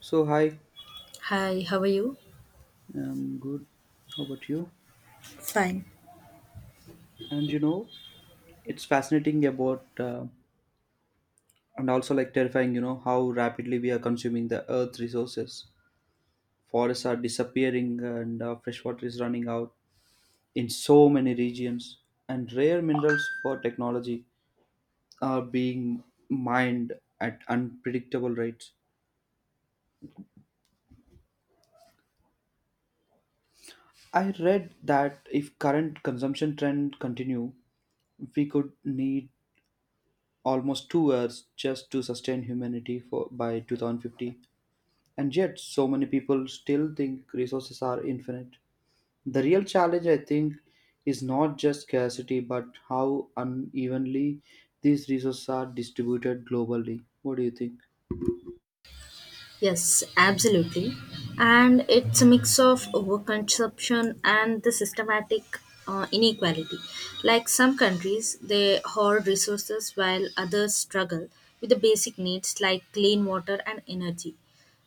So, hi, Hi, how are you? Good. How about you? Fine. And it's fascinating about and also like terrifying, how rapidly we are consuming the earth resources. Forests are disappearing and fresh water is running out in so many regions, and rare minerals for technology are being mined at unpredictable rates. I read that if current consumption trend continue, we could need almost two Earths just to sustain humanity for by 2050. And yet, so many people still think resources are infinite. The real challenge, I think, is not just scarcity, but how unevenly these resources are distributed globally. What do you think? Yes, absolutely. And it's a mix of overconsumption and the systematic inequality. Like some countries, they hoard resources while others struggle with the basic needs like clean water and energy.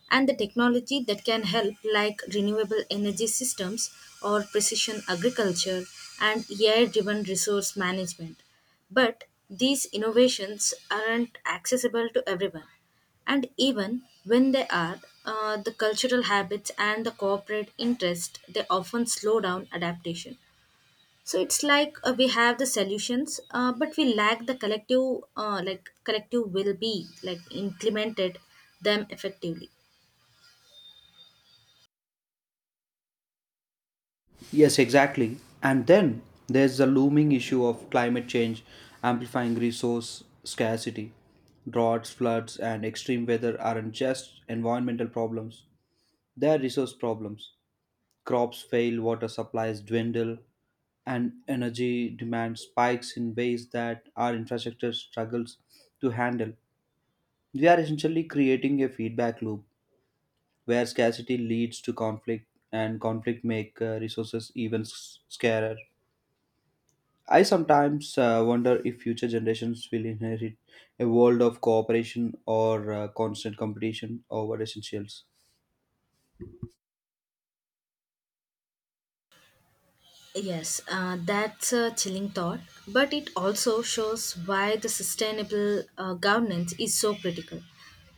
And the technology that can help, like renewable energy systems or precision agriculture and AI driven resource management. But these innovations aren't accessible to everyone. And even when they are, the cultural habits and the corporate interest they often slow down adaptation. So it's like we have the solutions, but we lack the collective, like collective will be like implemented them effectively. Yes, exactly. And then there's the looming issue of climate change amplifying resource scarcity. Droughts, floods, and extreme weather aren't just environmental problems, they are resource problems. Crops fail, water supplies dwindle, and energy demand spikes in ways that our infrastructure struggles to handle. We are essentially creating a feedback loop where scarcity leads to conflict, and conflict make resources even scarer. I sometimes wonder if future generations will inherit a world of cooperation or constant competition over essentials. Yes, that's a chilling thought, but it also shows why the sustainable governance is so critical.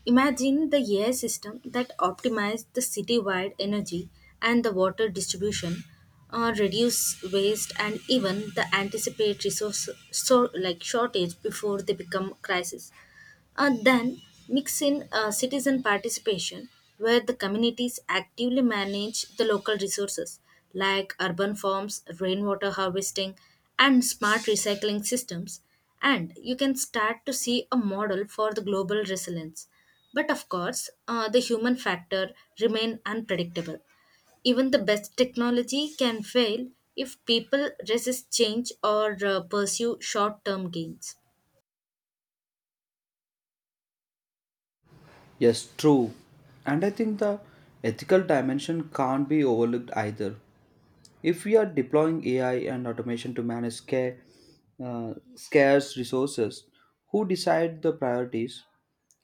Imagine the AI system that optimized the citywide energy and the water distribution, reduce waste, and even the anticipate resource so, like shortage before they become crisis. Then mix in citizen participation where the communities actively manage the local resources like urban farms, rainwater harvesting, and smart recycling systems. And you can start to see a model for the global resilience. But of course, the human factor remain unpredictable. Even the best technology can fail if people resist change or pursue short-term gains. Yes, true. And I think the ethical dimension can't be overlooked either. If we are deploying AI and automation to manage scarce resources, who decide the priorities?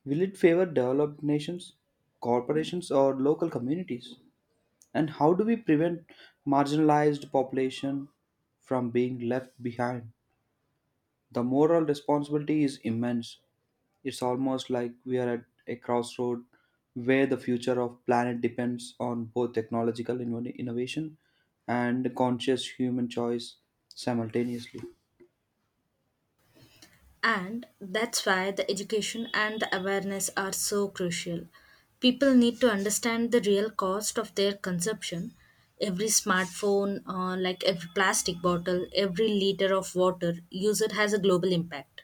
Will it favor developed nations, corporations, or local communities? And how do we prevent marginalized population from being left behind? The moral responsibility is immense. It's almost like we are at a crossroad where the future of planet depends on both technological innovation and conscious human choice simultaneously. And that's why the education and the awareness are so crucial. People need to understand the real cost of their consumption. Every smartphone, like every plastic bottle, every liter of water user has a global impact.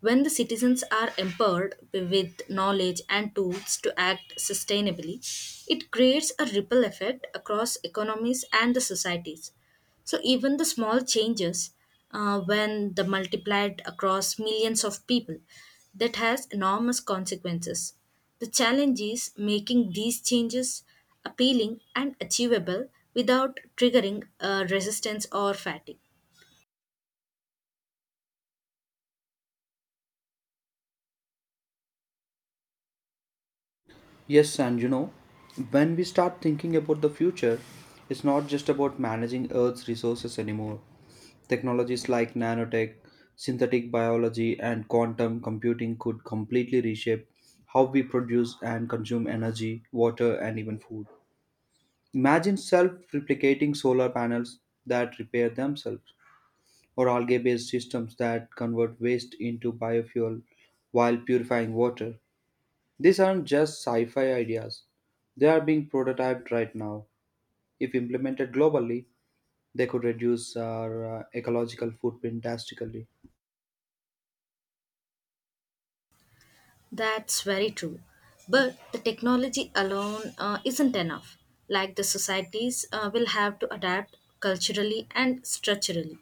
When the citizens are empowered with knowledge and tools to act sustainably, it creates a ripple effect across economies and the societies. So even the small changes, when the multiplied across millions of people, that has enormous consequences. The challenge is making these changes appealing and achievable without triggering resistance or fatigue. Yes, and when we start thinking about the future, it's not just about managing Earth's resources anymore. Technologies like nanotech, synthetic biology, and quantum computing could completely reshape how we produce and consume energy, water, and even food. Imagine self replicating solar panels that repair themselves, or algae based systems that convert waste into biofuel while purifying water. These aren't just sci fi ideas, they are being prototyped right now. If implemented globally, they could reduce our ecological footprint drastically. That's very true. But the technology alone isn't enough. Like the societies will have to adapt culturally and structurally.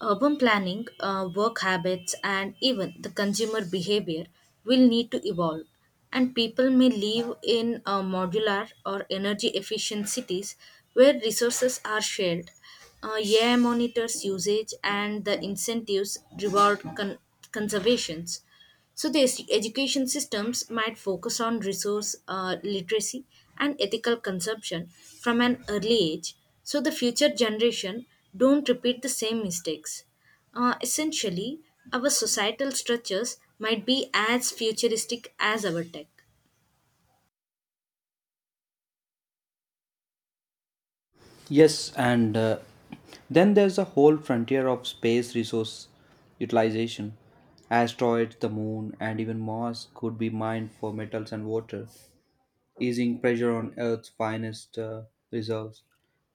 Urban planning, work habits, and even the consumer behavior will need to evolve, and people may live in modular or energy efficient cities where resources are shared. AI monitors usage and the incentives reward conservations. So the education systems might focus on resource literacy and ethical consumption from an early age, so the future generation don't repeat the same mistakes. Essentially, our societal structures might be as futuristic as our tech. Yes, and then there's a whole frontier of space resource utilization. Asteroids, the moon, and even Mars could be mined for metals and water, easing pressure on Earth's finest reserves.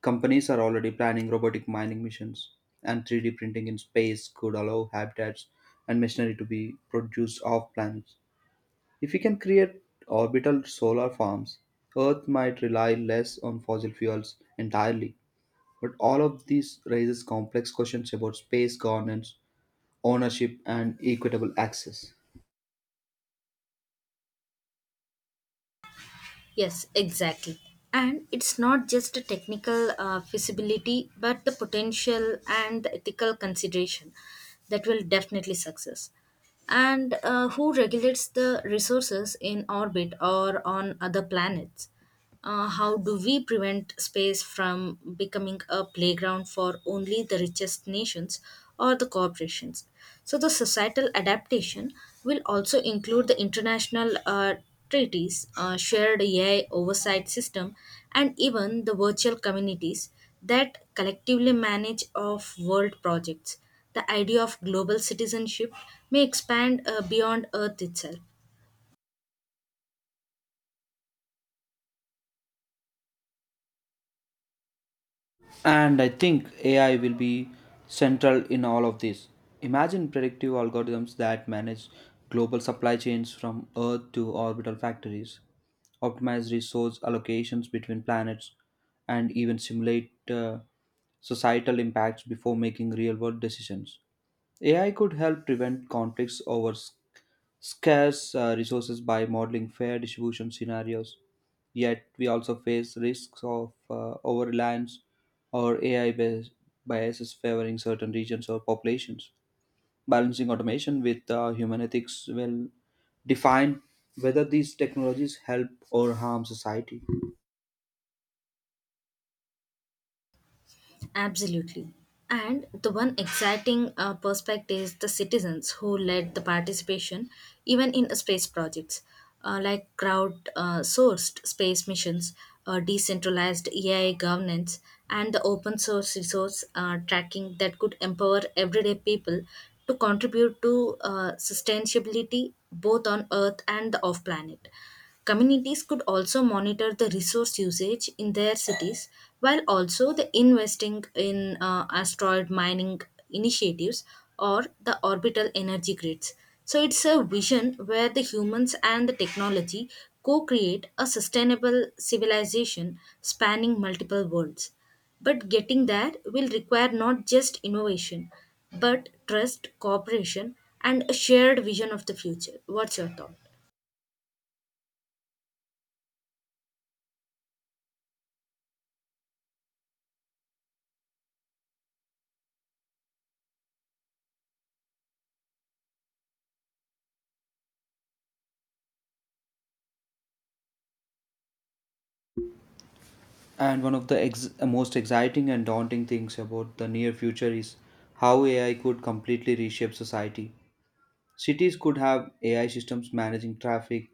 Companies are already planning robotic mining missions, and 3D printing in space could allow habitats and machinery to be produced off planets. If we can create orbital solar farms, Earth might rely less on fossil fuels entirely. But all of this raises complex questions about space governance, ownership, and equitable access. Yes, exactly. And it's not just a technical feasibility, but the potential and the ethical consideration that will definitely success. And who regulates the resources in orbit or on other planets? How do we prevent space from becoming a playground for only the richest nations or the corporations? So, the societal adaptation will also include the international treaties, shared AI oversight system, and even the virtual communities that collectively manage of world projects. The idea of global citizenship may expand beyond Earth itself. And I think AI will be central in all of this. Imagine predictive algorithms that manage global supply chains from Earth to orbital factories, optimize resource allocations between planets, and even simulate societal impacts before making real world decisions. AI could help prevent conflicts over scarce resources by modeling fair distribution scenarios. Yet, we also face risks of over reliance or AI biases favoring certain regions or populations. Balancing automation with human ethics will define whether these technologies help or harm society. Absolutely. And the one exciting perspective is the citizens who led the participation, even in space projects like crowd sourced space missions, decentralized AI governance, and the open source resource tracking that could empower everyday people to contribute to sustainability both on Earth and the off planet. Communities could also monitor the resource usage in their cities while also the investing in asteroid mining initiatives or the orbital energy grids. So it's a vision where the humans and the technology co-create a sustainable civilization spanning multiple worlds. But getting there will require not just innovation, but trust, cooperation, and a shared vision of the future. What's your thought? And one of the most exciting and daunting things about the near future is how AI could completely reshape society. Cities could have AI systems managing traffic,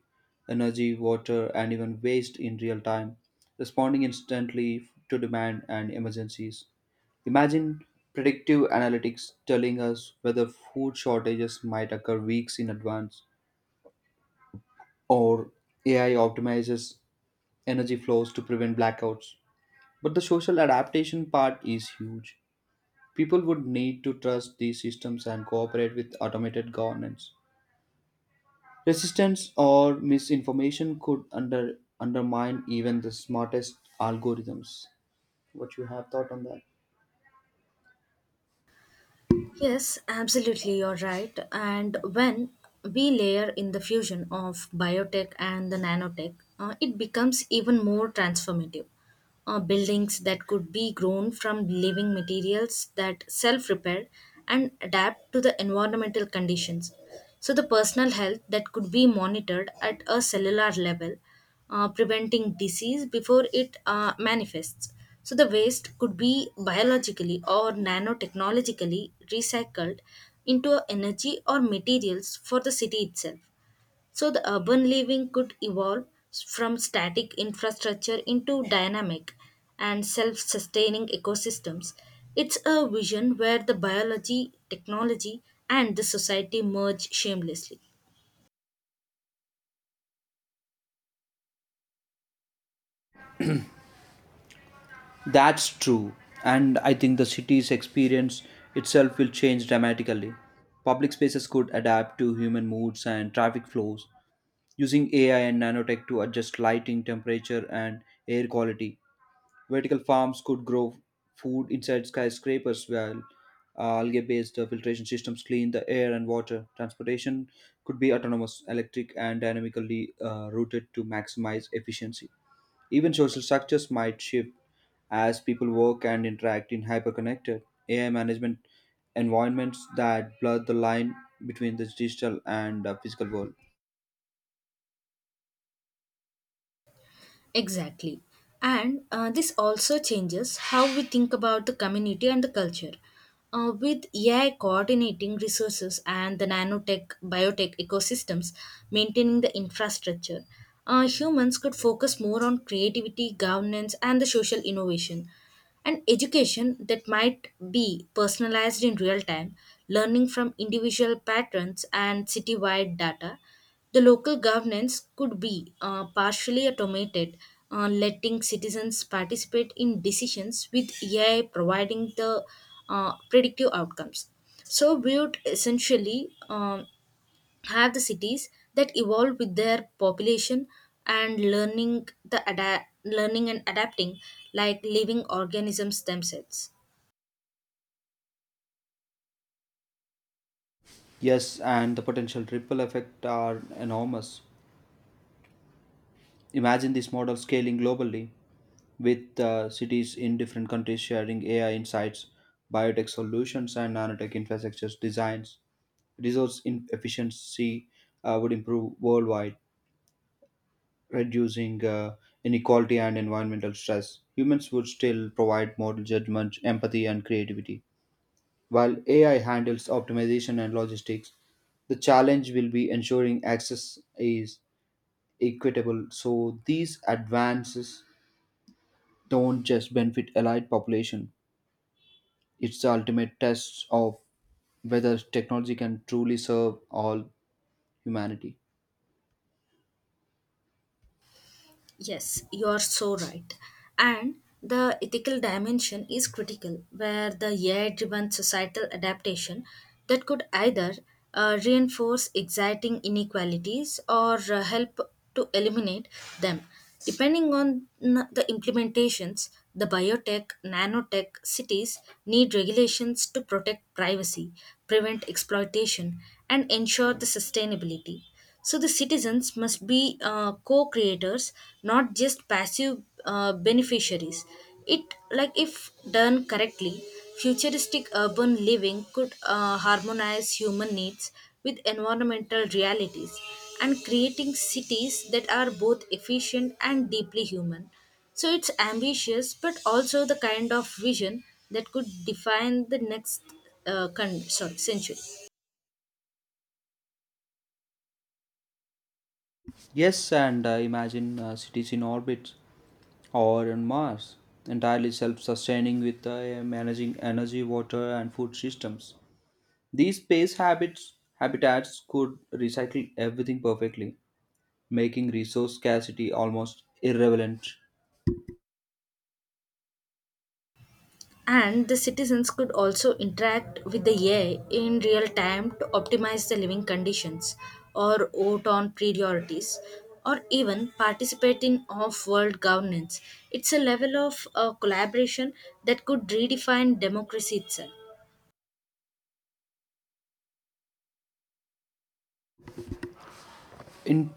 energy, water, and even waste in real time, responding instantly to demand and emergencies. Imagine predictive analytics telling us whether food shortages might occur weeks in advance, or AI optimizes energy flows to prevent blackouts. But the social adaptation part is huge. People would need to trust these systems and cooperate with automated governance. Resistance or misinformation could undermine even the smartest algorithms. What you have thought on that? Yes, absolutely, you're right. And when we layer in the fusion of biotech and the nanotech, it becomes even more transformative. Buildings that could be grown from living materials that self repair and adapt to the environmental conditions. So, the personal health that could be monitored at a cellular level, preventing disease before it manifests. So the waste could be biologically or nanotechnologically recycled into energy or materials for the city itself. So the urban living could evolve from static infrastructure into dynamic and self sustaining ecosystems. It's a vision where the biology, technology, and the society merge shamelessly. That's true, and I think the city's experience itself will change dramatically. Public spaces could adapt to human moods and traffic flows using AI and nanotech to adjust lighting, temperature, and air quality. Vertical farms could grow food inside skyscrapers while algae based filtration systems clean the air and water. Transportation could be autonomous, electric, and dynamically routed to maximize efficiency. Even social structures might shift as people work and interact in hyperconnected AI management environments that blur the line between the digital and physical world. Exactly. And this also changes how we think about the community and the culture. With AI coordinating resources and the nanotech biotech ecosystems maintaining the infrastructure, humans could focus more on creativity, governance, and the social innovation and education that might be personalized in real time, learning from individual patterns and citywide data. The local governance could be partially automated, letting citizens participate in decisions with AI providing the predictive outcomes. So, we would essentially have the cities that evolve with their population and learning the learning and adapting like living organisms themselves. Yes, and the potential ripple effect are enormous. Imagine this model scaling globally with cities in different countries sharing AI insights, biotech solutions, and nanotech infrastructures designs. Resource efficiency would improve worldwide, reducing inequality and environmental stress. Humans would still provide moral judgment, empathy, and creativity. While AI handles optimization and logistics, the challenge will be ensuring access is equitable. So these advances don't just benefit allied population. It's the ultimate test of whether technology can truly serve all humanity. Yes, you are so right. And the ethical dimension is critical, where the AI driven societal adaptation that could either reinforce existing inequalities or help to eliminate them. Depending on the implementations, the biotech, nanotech cities need regulations to protect privacy, prevent exploitation, and ensure the sustainability so the citizens must be co-creators, not just passive beneficiaries. It like if done correctly, futuristic urban living could harmonize human needs with environmental realities and creating cities that are both efficient and deeply human. So it's ambitious, but also the kind of vision that could define the next sorry, century. Yes, and I imagine cities in orbit or on Mars, entirely self-sustaining with managing energy, water, and food systems. These space habits habitats could recycle everything perfectly, making resource scarcity almost irrelevant. And the citizens could also interact with the AI in real time to optimize the living conditions, or vote on priorities, or even participate in off world governance. It's a level of collaboration that could redefine democracy itself. In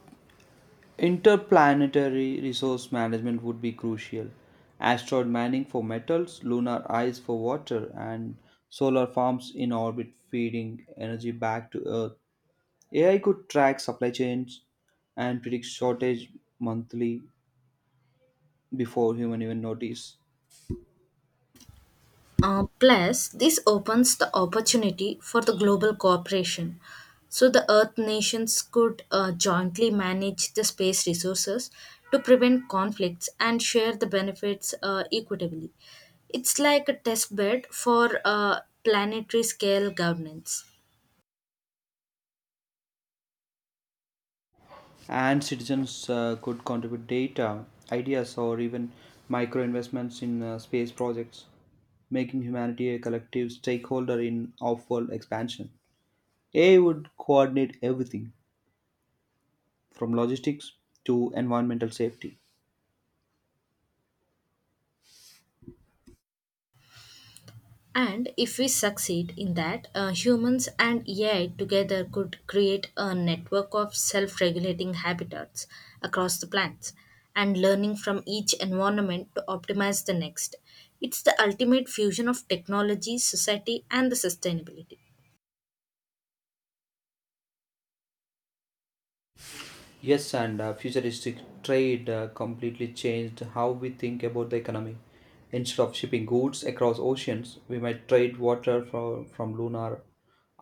Interplanetary resource management would be crucial. Asteroid mining for metals, lunar ice for water, and solar farms in orbit feeding energy back to Earth. AI could track supply chains and predict shortage monthly before human even notice. Plus, this opens the opportunity for the global cooperation. So, the Earth nations could jointly manage the space resources to prevent conflicts and share the benefits equitably. It's like a test bed for planetary scale governance. And citizens could contribute data, ideas, or even micro investments in space projects, making humanity a collective stakeholder in off-world expansion. AI would coordinate everything from logistics to environmental safety. And if we succeed in that, humans and AI together could create a network of self regulating habitats across the plants and learning from each environment to optimize the next. It's the ultimate fusion of technology, society, and the sustainability. Yes, and futuristic trade completely changed how we think about the economy. Instead of shipping goods across oceans, we might trade water from lunar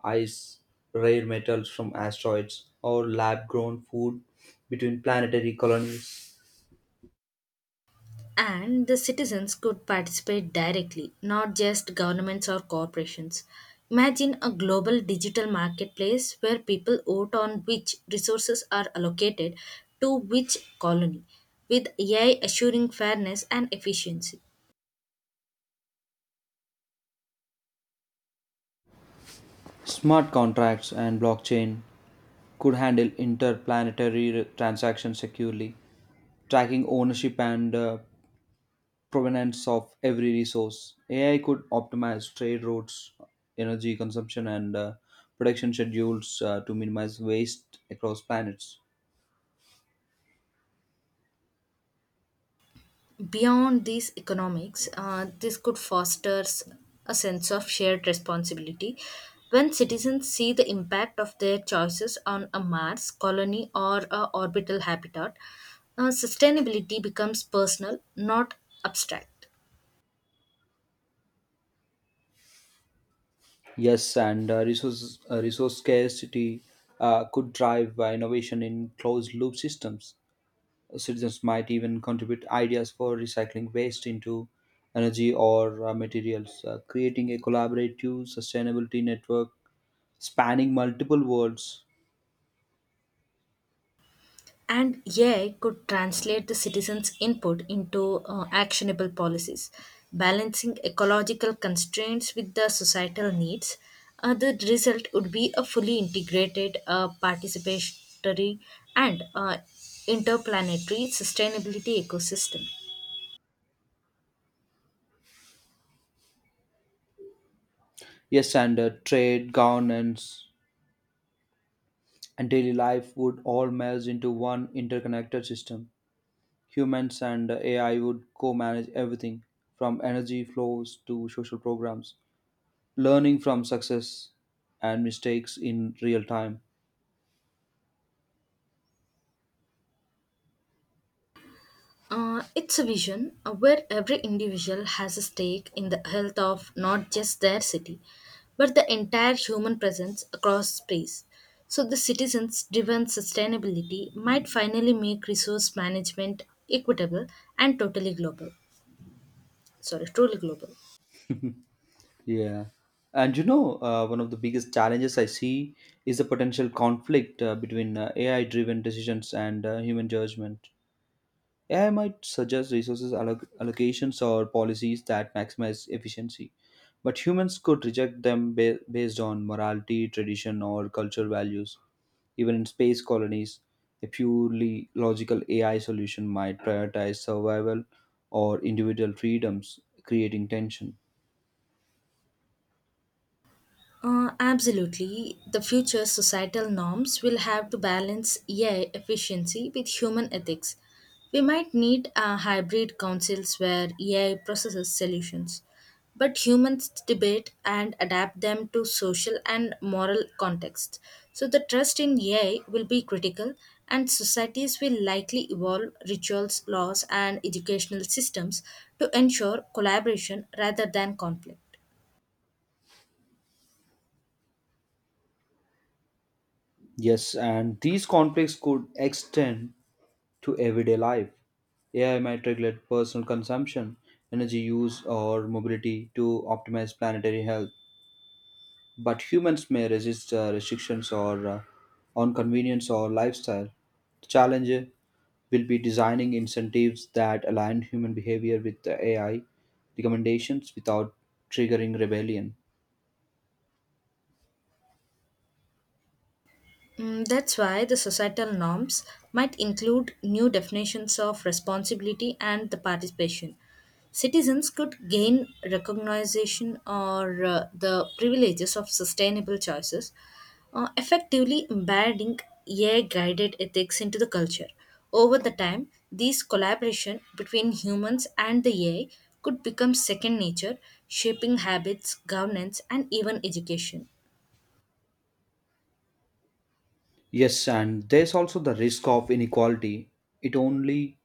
ice, rare metals from asteroids, or lab grown food between planetary colonies. And the citizens could participate directly, not just governments or corporations. Imagine a global digital marketplace where people vote on which resources are allocated to which colony, with AI assuring fairness and efficiency. Smart contracts and blockchain could handle interplanetary transactions securely, tracking ownership and provenance of every resource. AI could optimize trade routes, energy consumption, and production schedules to minimize waste across planets. Beyond these economics, this could foster a sense of shared responsibility. When citizens see the impact of their choices on a Mars colony or a orbital habitat, sustainability becomes personal, not abstract. Yes, and resource scarcity could drive innovation in closed loop systems. Citizens might even contribute ideas for recycling waste into energy or materials, creating a collaborative sustainability network spanning multiple worlds. And AI could translate the citizens' input into actionable policies, balancing ecological constraints with the societal needs. The result would be a fully integrated, participatory, and interplanetary sustainability ecosystem. Yes, and trade, governance, and daily life would all merge into one interconnected system. Humans and AI would co manage everything from energy flows to social programs, learning from success and mistakes in real time. It's a vision where every individual has a stake in the health of not just their city, but the entire human presence across space. So, the citizens driven sustainability might finally make resource management equitable and totally global. Sorry, truly global. Yeah. And one of the biggest challenges I see is the potential conflict between AI driven decisions and human judgment. AI might suggest resources allocations or policies that maximize efficiency, but humans could reject them based on morality, tradition, or cultural values. Even in space colonies, a purely logical AI solution might prioritize survival or individual freedoms, creating tension. Absolutely. The future societal norms will have to balance AI efficiency with human ethics. We might need hybrid councils where AI processes solutions, but humans debate and adapt them to social and moral contexts. So the trust in AI will be critical, and societies will likely evolve rituals, laws, and educational systems to ensure collaboration rather than conflict. Yes, and these conflicts could extend to everyday life. AI might regulate personal consumption, energy use, or mobility to optimize planetary health, but humans may resist restrictions or on convenience or lifestyle. The challenge will be designing incentives that align human behavior with the AI recommendations without triggering rebellion. That's why the societal norms might include new definitions of responsibility and the participation. Citizens could gain recognition or the privileges of sustainable choices, effectively embedding AI guided ethics into the culture. Over the time, these collaboration between humans and the AI could become second nature, shaping habits, governance, and even education. Yes, and there's also the risk of inequality. It only,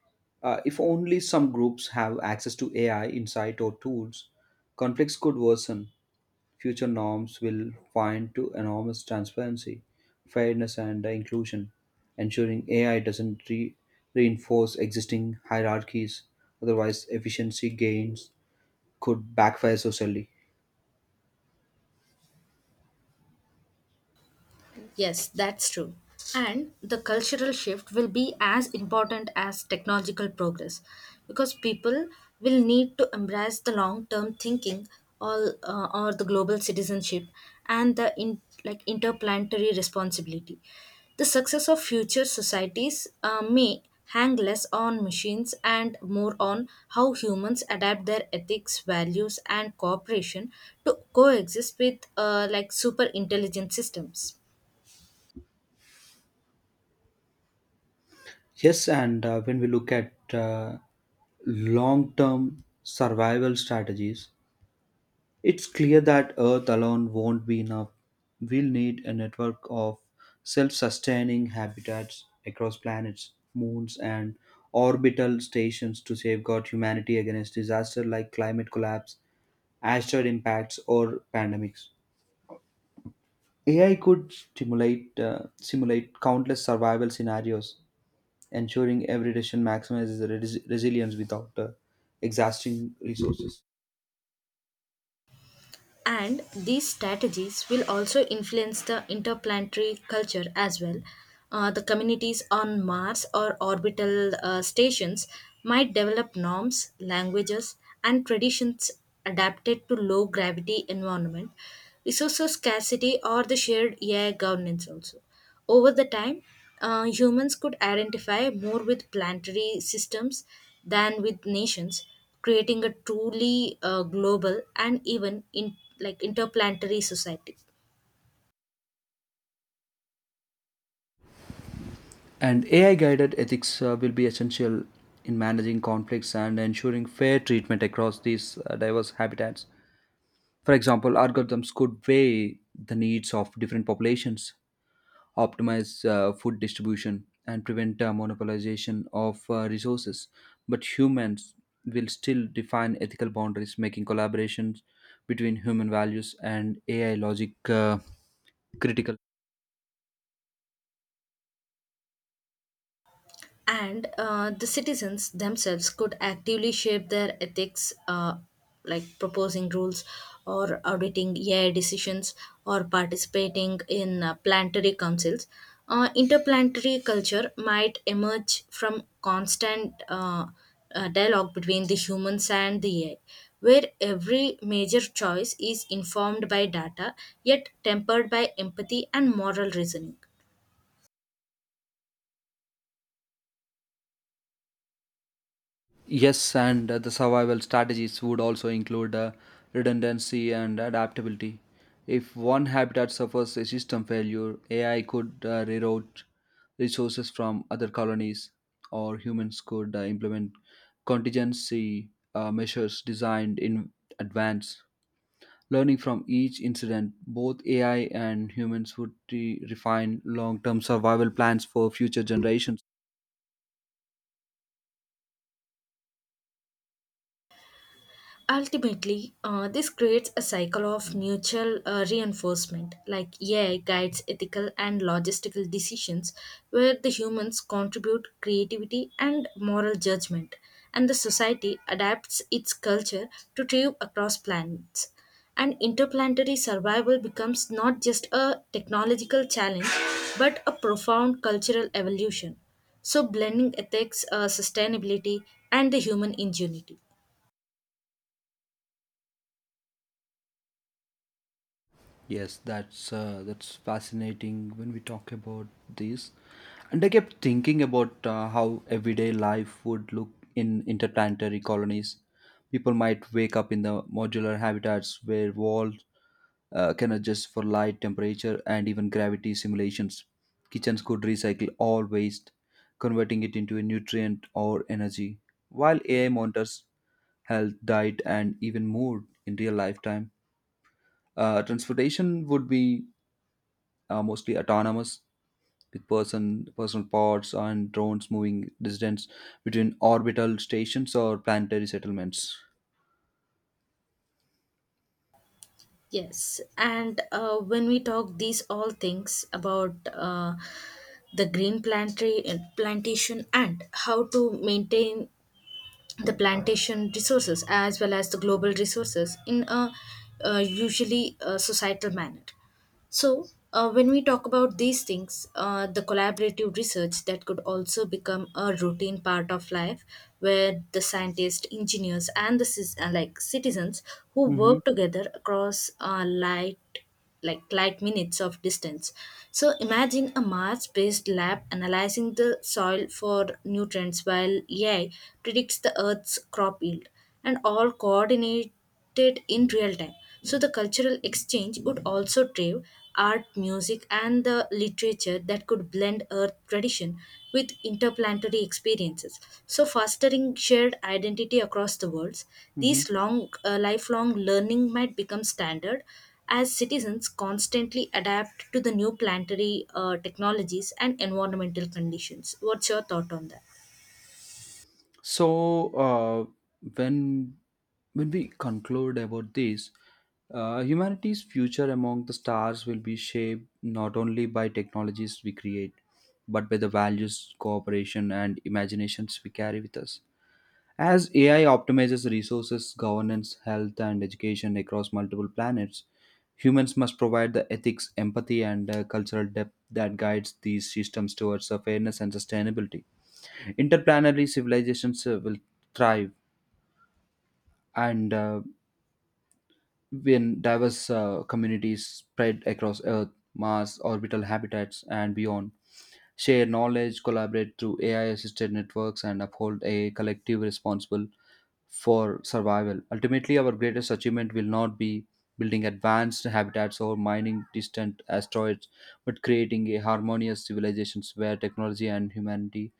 if only some groups have access to AI insight or tools, conflicts could worsen. Future norms will find to enormous transparency, fairness, and inclusion, ensuring AI doesn't reinforce existing hierarchies. Otherwise, efficiency gains could backfire socially. Yes, that's true. And the cultural shift will be as important as technological progress because people will need to embrace the long term thinking or the global citizenship and the like interplanetary responsibility. The success of future societies may hang less on machines and more on how humans adapt their ethics, values, and cooperation to coexist with like super intelligent systems. Yes, and when we look at long-term survival strategies. It's clear that Earth alone won't be enough. We'll need a network of self sustaining habitats across planets, moons, and orbital stations to safeguard humanity against disasters like climate collapse, asteroid impacts, or pandemics. AI could simulate countless survival scenarios, ensuring every decision maximizes resilience without exhausting resources. And these strategies will also influence the interplanetary culture as well. The communities on Mars or orbital stations might develop norms, languages, and traditions adapted to low gravity environment, resource scarcity, or the shared AI governance also. Over the time, humans could identify more with planetary systems than with nations creating a truly global and even in like interplanetary society. And AI guided ethics will be essential in managing conflicts and ensuring fair treatment across these diverse habitats. For example, algorithms could weigh the needs of different populations, optimize food distribution, and prevent monopolization of resources. But humans will still define ethical boundaries, making collaborations between human values and AI logic critical. And the citizens themselves could actively shape their ethics like proposing rules or auditing AI decisions or participating in planetary councils. Interplanetary culture might emerge from constant dialogue between the humans and the AI, where every major choice is informed by data yet tempered by empathy and moral reasoning. Yes, and the survival strategies would also include redundancy and adaptability. If one habitat suffers a system failure, AI could reroute resources from other colonies, or humans could implement contingency measures designed in advance. Learning from each incident, both AI and humans would refine long term survival plans for future generations. Ultimately, this creates a cycle of mutual reinforcement, like AI guides ethical and logistical decisions, where the humans contribute creativity and moral judgment, and the society adapts its culture to thrive across planets. And interplanetary survival becomes not just a technological challenge, but a profound cultural evolution. So, blending ethics, sustainability, and the human ingenuity. Yes, that's fascinating when we talk about this. And I kept thinking about how everyday life would look in interplanetary colonies. People might wake up in the modular habitats where walls can adjust for light, temperature, and even gravity simulations. Kitchens could recycle all waste, converting it into a nutrient or energy, while AI monitors health, diet, and even mood in real lifetime. Transportation would be mostly autonomous with personal pods and drones moving distance between orbital stations or planetary settlements. Yes, and when we talk these all things about the green plantry plantation and how to maintain the plantation resources as well as the global resources in a usually societal manner so, when we talk about these things, the collaborative research that could also become a routine part of life, where the scientists, engineers, and the like citizens who Mm-hmm. work together across light like light minutes of distance. So imagine a Mars-based lab analyzing the soil for nutrients while AI predicts the Earth's crop yield, and all coordinate did in real time. So the cultural exchange would also drive art, music, and the literature that could blend Earth tradition with interplanetary experiences. So fostering shared identity across the worlds, Mm-hmm. these lifelong learning might become standard as citizens constantly adapt to the new planetary technologies and environmental conditions. What's your thought on that? So uh, when when we conclude about this, humanity's future among the stars will be shaped not only by technologies we create but by the values cooperation and imaginations we carry with us. As AI optimizes resources, governance, health, and education across multiple planets, humans must provide the ethics, empathy, and cultural depth that guides these systems towards fairness and sustainability. Interplanetary civilizations will thrive, and when diverse communities spread across Earth, Mars, orbital habitats, and beyond, share knowledge, collaborate through AI assisted networks, and uphold a collective responsible for survival. Ultimately, our greatest achievement will not be building advanced habitats or mining distant asteroids, but creating a harmonious civilizations where technology and humanity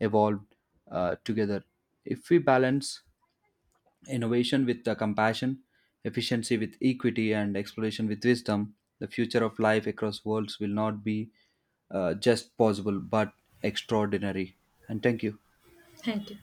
evolve together. If we balance innovation with the compassion, efficiency with equity, and exploration with wisdom, the future of life across worlds will not be just possible but extraordinary. And thank you. Thank you.